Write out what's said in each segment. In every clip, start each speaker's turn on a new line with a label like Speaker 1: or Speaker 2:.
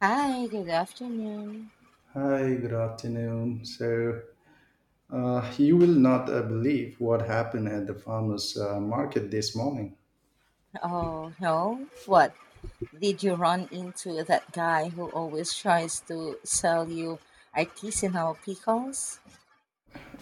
Speaker 1: Hi, good afternoon.
Speaker 2: Hi, good afternoon. So, you will not believe what happened at the farmers' market this morning.
Speaker 1: Oh, no. What? Did you run into that guy who always tries to sell you artisanal pickles?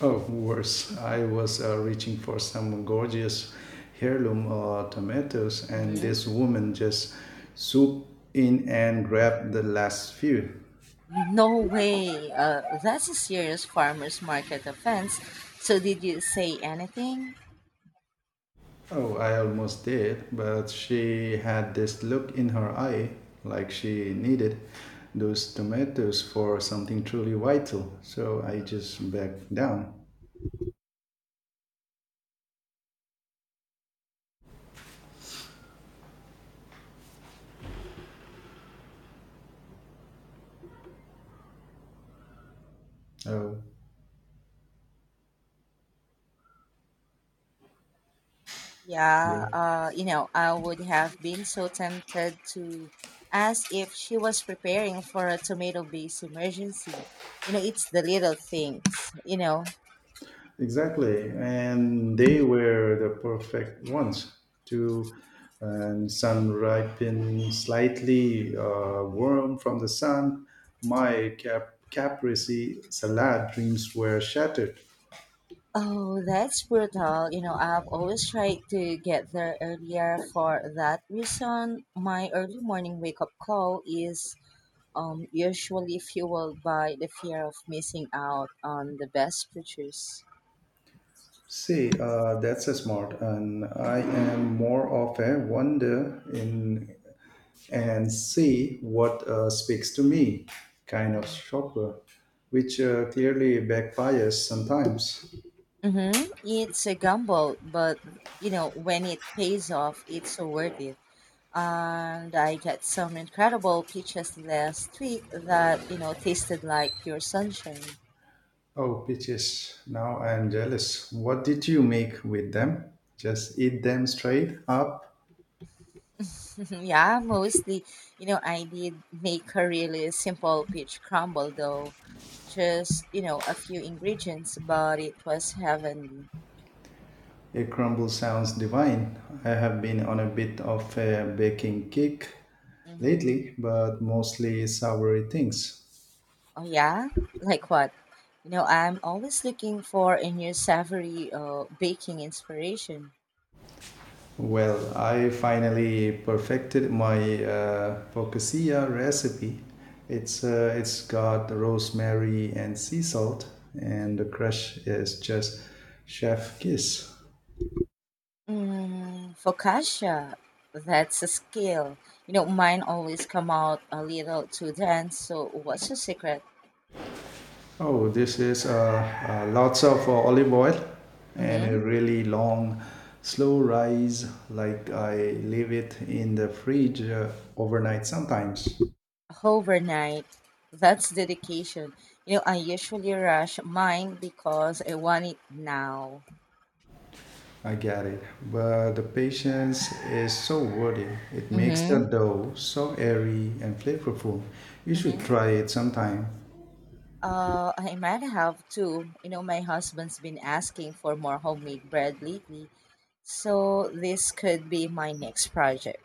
Speaker 2: Oh, worse. I was reaching for some gorgeous heirloom tomatoes, and
Speaker 1: Hmm.
Speaker 2: this woman just swooped in and grabbed the last few.
Speaker 1: No way. That's a serious farmer's market offense. So, did you say anything?
Speaker 2: Oh, I almost did, but she had this look in her eye like she needed those tomatoes for something truly vital. So I just backed down. Oh,
Speaker 1: Yeah,
Speaker 2: yeah.
Speaker 1: I would have been so tempted to ask if she was preparing for a tomato based emergency. It's the little things.
Speaker 2: Exactly. And they were the perfect ones to and sun ripen slightly warm from the sun. My caprese salad dreams were shattered.
Speaker 1: Oh, that's brutal. I've always tried to get there earlier for that reason. My early morning wake up call is usually fueled by the fear of missing out on the best pictures.
Speaker 2: See, that's a smart, and I am more of a wonder in and see what speaks to me kind of
Speaker 1: Mm.
Speaker 2: shopper, which clearly backfires sometimes.
Speaker 1: Mm-hmm. It's a gamble, but when it pays off, it's so worth it. And I got some incredible peaches last week that, tasted like pure sunshine.
Speaker 2: Oh, peaches. Now I am jealous. What did you make with them? Just eat them straight up?
Speaker 1: Mhm, yeah, mostly, I did make a really simple peach crumble though. Just, a few ingredients, but it was heavenly.
Speaker 2: A crumble sounds divine. I have been on a bit of a baking kick
Speaker 1: Hmm.
Speaker 2: lately, but mostly soury things.
Speaker 1: Oh, yeah? Like what? I'm always looking for a new savory baking inspiration.
Speaker 2: Well, I finally perfected my focaccia recipe. It's got rosemary and sea salt, and the crust is just chef kiss.
Speaker 1: Mm, focaccia, that's a skill. Mine always come out a little too dense, so what's your secret?
Speaker 2: Oh, this is lots of olive oil and
Speaker 1: Mm-hmm.
Speaker 2: a really long, slow rise. Like I leave it in the fridge overnight sometimes.
Speaker 1: Overnight. That's dedication. I usually rush mine because I want it now.
Speaker 2: I get it. But the patience is so worth it. It makes the
Speaker 1: Mm-hmm.
Speaker 2: dough so airy and flavorful. You should
Speaker 1: Mm-hmm.
Speaker 2: try it sometime.
Speaker 1: I might have to. My husband's been asking for more homemade bread lately, so this could be my next project.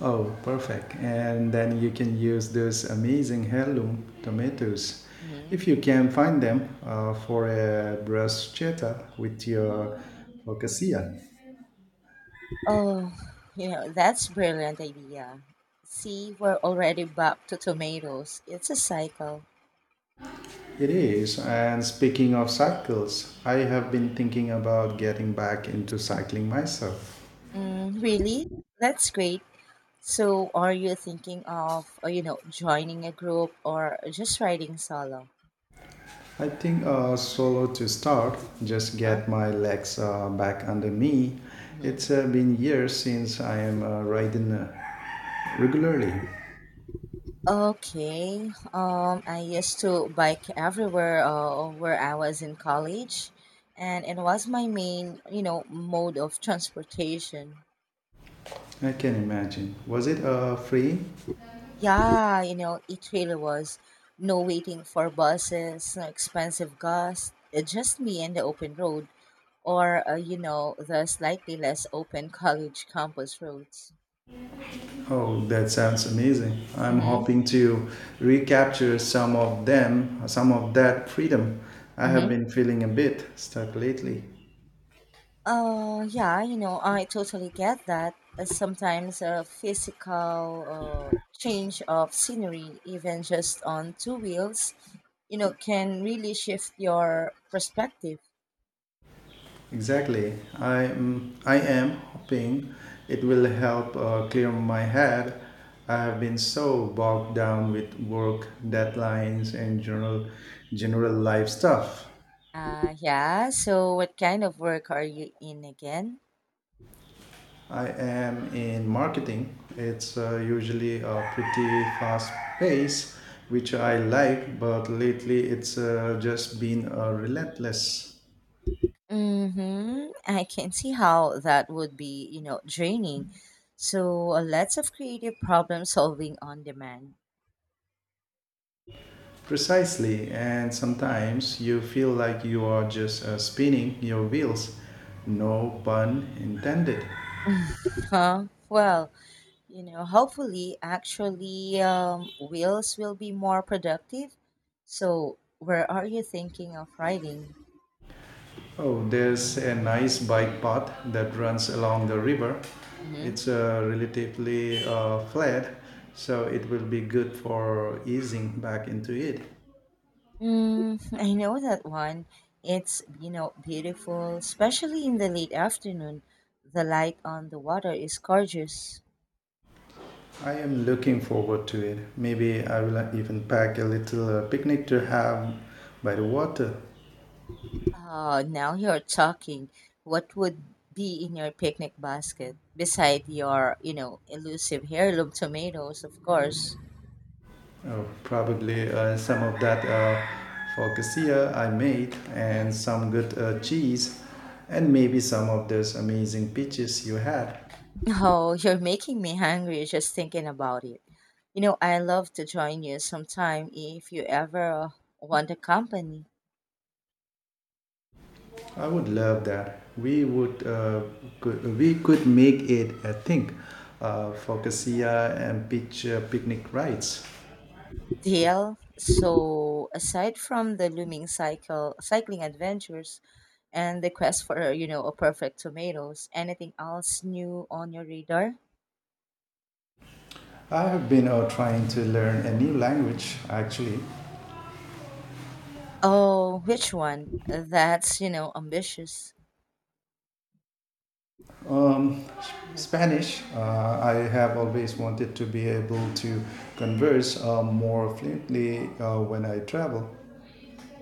Speaker 2: Oh, perfect. And then you can use those amazing heirloom tomatoes,
Speaker 1: Mm-hmm.
Speaker 2: if you can find them, for a bruschetta with your focaccia.
Speaker 1: Oh, that's brilliant idea. See, we're already back to tomatoes. It's a cycle.
Speaker 2: It is. And speaking of cycles, I have been thinking about getting back into cycling myself.
Speaker 1: Mm, really? That's great. So, are you thinking of, joining a group or just riding solo?
Speaker 2: I think solo to start, just
Speaker 1: Huh?
Speaker 2: get my legs back under me.
Speaker 1: Hmm.
Speaker 2: It's been years since I am riding regularly.
Speaker 1: Okay. I used to bike everywhere where I was in college, and it was my main, mode of transportation.
Speaker 2: I can imagine. Was it free?
Speaker 1: Yeah, it really was. No waiting for buses, no expensive gas, just me and the open road, or the slightly less open college campus roads.
Speaker 2: Oh, that sounds amazing. I'm
Speaker 1: Mm-hmm.
Speaker 2: hoping to recapture some of that freedom. I have
Speaker 1: Mm-hmm.
Speaker 2: been feeling a bit stuck lately.
Speaker 1: Yeah, I totally get that. Sometimes a physical change of scenery, even just on two wheels, can really shift your perspective.
Speaker 2: Exactly. I am hoping it will help clear my head. I have been so bogged down with work, deadlines, and general life stuff.
Speaker 1: Yeah, so what kind of work are you in again?
Speaker 2: I am in marketing. It's usually a pretty fast pace, which I like, but lately it's just been relentless.
Speaker 1: Mm-hmm. I can see how that would be, draining. So lots of creative problem solving on demand.
Speaker 2: Precisely, and sometimes you feel like you are just spinning your wheels. No pun intended.
Speaker 1: Huh? Well, hopefully actually wheels will be more productive, so where are you thinking of riding?
Speaker 2: Oh, there's a nice bike path that runs along the river.
Speaker 1: Mm-hmm.
Speaker 2: It's relatively flat, so it will be good for easing back into it.
Speaker 1: Mm, I know that one. It's beautiful, especially in the late afternoon. The light on the water is gorgeous.
Speaker 2: I am looking forward to it. Maybe I will even pack a little picnic to have by the water.
Speaker 1: Oh, now you're talking. What would be in your picnic basket beside your elusive heirloom tomatoes, of course?
Speaker 2: Probably some of that focaccia I made
Speaker 1: Huh?
Speaker 2: and some good cheese and maybe some of those amazing peaches you had.
Speaker 1: Oh, you're making me hungry just thinking about it. I love to join you sometime if you ever want a company.
Speaker 2: I would love that. We could make it a thing focaccia and peach picnic rides.
Speaker 1: Deal. So, aside from the looming cycling adventures and the quest for, a perfect tomatoes, anything else new on your radar?
Speaker 2: I have been trying to learn a new language actually.
Speaker 1: Oh, which one? That's, ambitious.
Speaker 2: Um,
Speaker 1: Mm-hmm.
Speaker 2: Spanish, I have always wanted to be able to converse more fluently when I travel.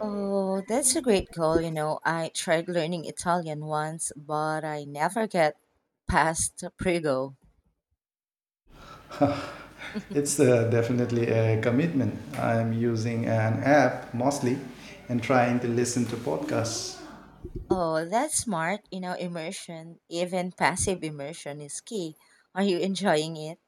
Speaker 1: Oh, that's a great goal. I tried learning Italian once, but I never get past Prego.
Speaker 2: It's definitely a commitment. I'm using an app mostly and trying to listen to podcasts.
Speaker 1: Oh, that's smart. Immersion, even passive immersion is key. Are you enjoying it?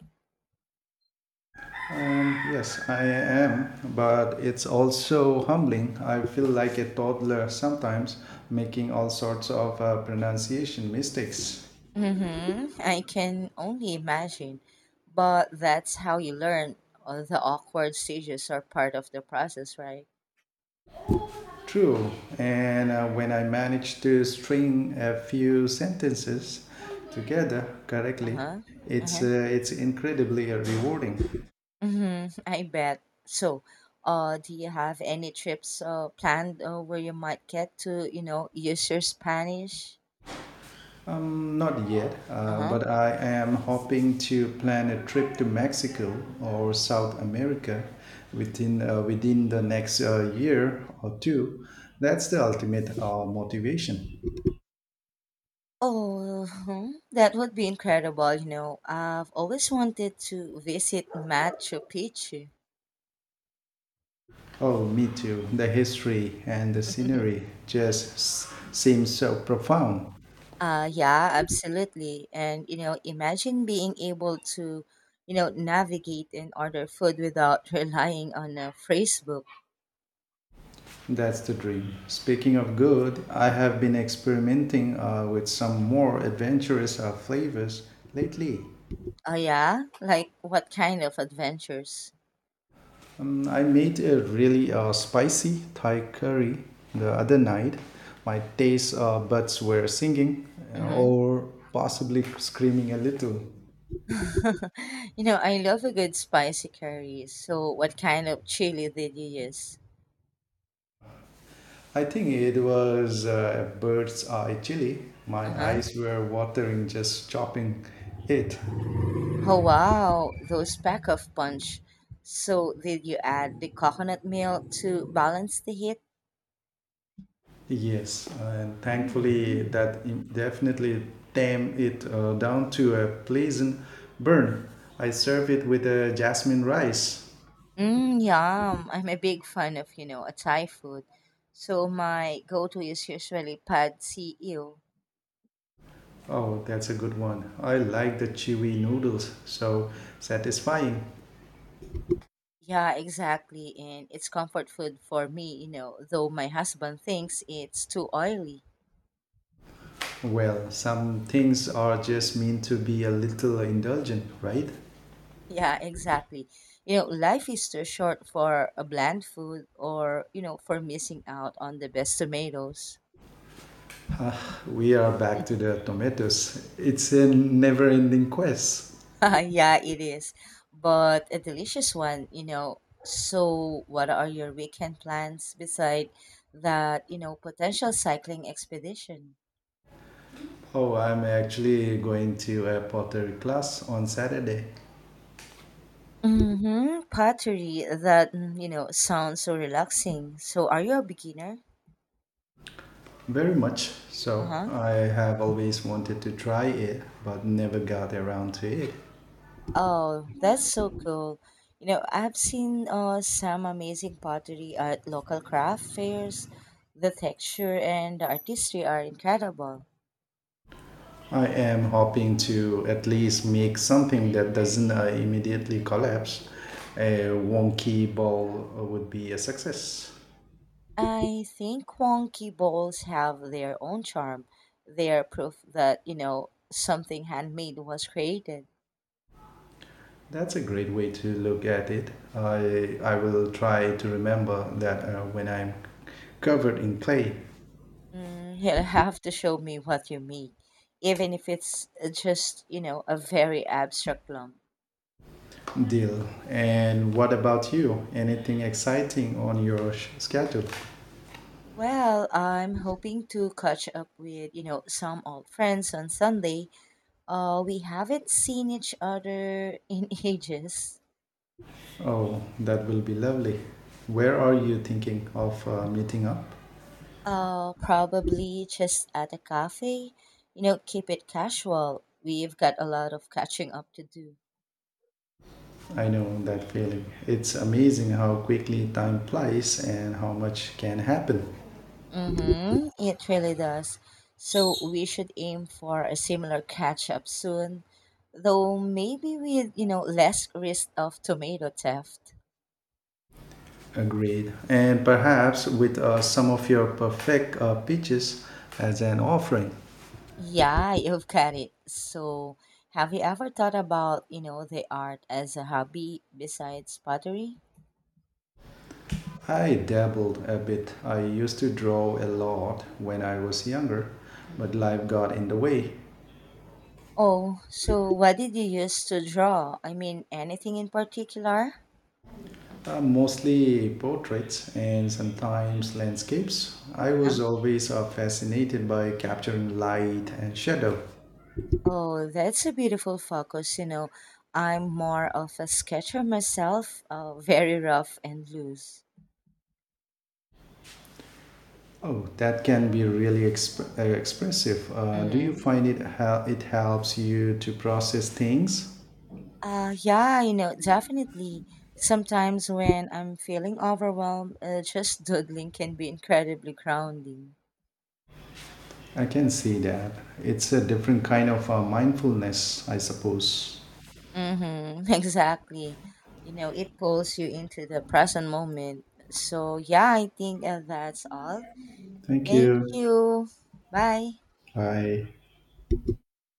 Speaker 2: Yes, I am, but it's also humbling. I feel like a toddler sometimes, making all sorts of pronunciation mistakes.
Speaker 1: Mm-hmm. I can only imagine. But that's how you learn. All the awkward stages are part of the process, right?
Speaker 2: True. And when I manage to string a few sentences together correctly,
Speaker 1: Uh-huh.
Speaker 2: it's uh,
Speaker 1: Uh-huh.
Speaker 2: it's incredibly rewarding.
Speaker 1: Mm-hmm, I bet. So, do you have any trips planned where you might get to, use your Spanish?
Speaker 2: Not yet,
Speaker 1: Uh-huh.
Speaker 2: but I am hoping to plan a trip to Mexico or South America within the next year or two. That's the ultimate motivation.
Speaker 1: Oh, that would be incredible. I've always wanted to visit Machu Picchu.
Speaker 2: Oh, me too. The history and the scenery just seems so profound.
Speaker 1: Yeah, absolutely. And, imagine being able to, navigate and order food without relying on a phrase book.
Speaker 2: That's the dream. Speaking of good, I have been experimenting with some more adventurous flavors lately.
Speaker 1: Oh, yeah? Like, what kind of adventures?
Speaker 2: I made a really spicy Thai curry the other night. My taste buds were singing
Speaker 1: Mm-hmm.
Speaker 2: or possibly screaming a little.
Speaker 1: I love a good spicy curry. So, what kind of chili did you use?
Speaker 2: I think it was a bird's eye chili. My
Speaker 1: Uh huh.
Speaker 2: eyes were watering just chopping it.
Speaker 1: Oh, wow, those pack of punch. So, did you add the coconut milk to balance the heat?
Speaker 2: Yes, and thankfully that definitely tame it down to a pleasant burn. I serve it with a jasmine rice.
Speaker 1: Mmm, yum. I'm a big fan of, a Thai food. So, my go to is usually pad see ew.
Speaker 2: Oh, that's a good one. I like the chewy noodles, so satisfying.
Speaker 1: Yeah, exactly. And it's comfort food for me, though my husband thinks it's too oily.
Speaker 2: Well, some things are just meant to be a little indulgent, right?
Speaker 1: Yeah, exactly. Life is too short for a bland food or, for missing out on the best tomatoes.
Speaker 2: Ah, we are back to the tomatoes. It's a never-ending quest.
Speaker 1: Yeah, it is. But a delicious one. So, what are your weekend plans beside that, potential cycling expedition?
Speaker 2: Oh, I'm actually going to a pottery class on Saturday.
Speaker 1: Mm-hmm. Pottery, that, sounds so relaxing. So, are you a beginner?
Speaker 2: Very much so.
Speaker 1: Uh-huh.
Speaker 2: I have always wanted to try it, but never got around to it.
Speaker 1: Oh, that's so cool. I've seen some amazing pottery at local craft fairs. The texture and the artistry are incredible.
Speaker 2: I am hoping to at least make something that doesn't immediately collapse. A wonky ball would be a success.
Speaker 1: I think wonky bowls have their own charm. They are proof that, something handmade was created.
Speaker 2: That's a great way to look at it. I will try to remember that when I'm covered in clay.
Speaker 1: Mm, you'll have to show me what you make, even if it's just, a very abstract lump.
Speaker 2: Deal. And what about you? Anything exciting on your schedule?
Speaker 1: Well, I'm hoping to catch up with, some old friends on Sunday. We haven't seen each other in ages.
Speaker 2: Oh, that will be lovely. Where are you thinking of meeting up?
Speaker 1: Probably just at a cafe. Keep it casual. We've got a lot of catching up to do.
Speaker 2: I know that feeling. It's amazing how quickly time flies and how much can happen.
Speaker 1: Mm-hmm. It really does. So we should aim for a similar catch up soon, though maybe with, less risk of tomato theft.
Speaker 2: Agreed. And perhaps with some of your perfect pitches as an offering.
Speaker 1: Yeah, you've got it. So, have you ever thought about, the art as a hobby besides pottery?
Speaker 2: I dabbled a bit. I used to draw a lot when I was younger, but
Speaker 1: Hmm.
Speaker 2: life got in the way.
Speaker 1: Oh, so what did you use to draw? I mean, anything in particular?
Speaker 2: Mostly portraits and sometimes landscapes. I was
Speaker 1: Uh-huh.
Speaker 2: always fascinated by capturing light and shadow.
Speaker 1: Oh, that's a beautiful focus. I'm more of a sketcher myself, very rough and loose.
Speaker 2: Oh, that can be really expressive. Do you
Speaker 1: Hmm.
Speaker 2: find it it helps you to process things?
Speaker 1: Yeah, definitely. Sometimes when I'm feeling overwhelmed, just doodling can be incredibly grounding.
Speaker 2: I can see that. It's a different kind of mindfulness, I suppose.
Speaker 1: Mm-hmm. Exactly. It pulls you into the present moment. So, yeah, I think that's all.
Speaker 2: Thank
Speaker 1: Thank
Speaker 2: you.
Speaker 1: you. Bye.
Speaker 2: Bye.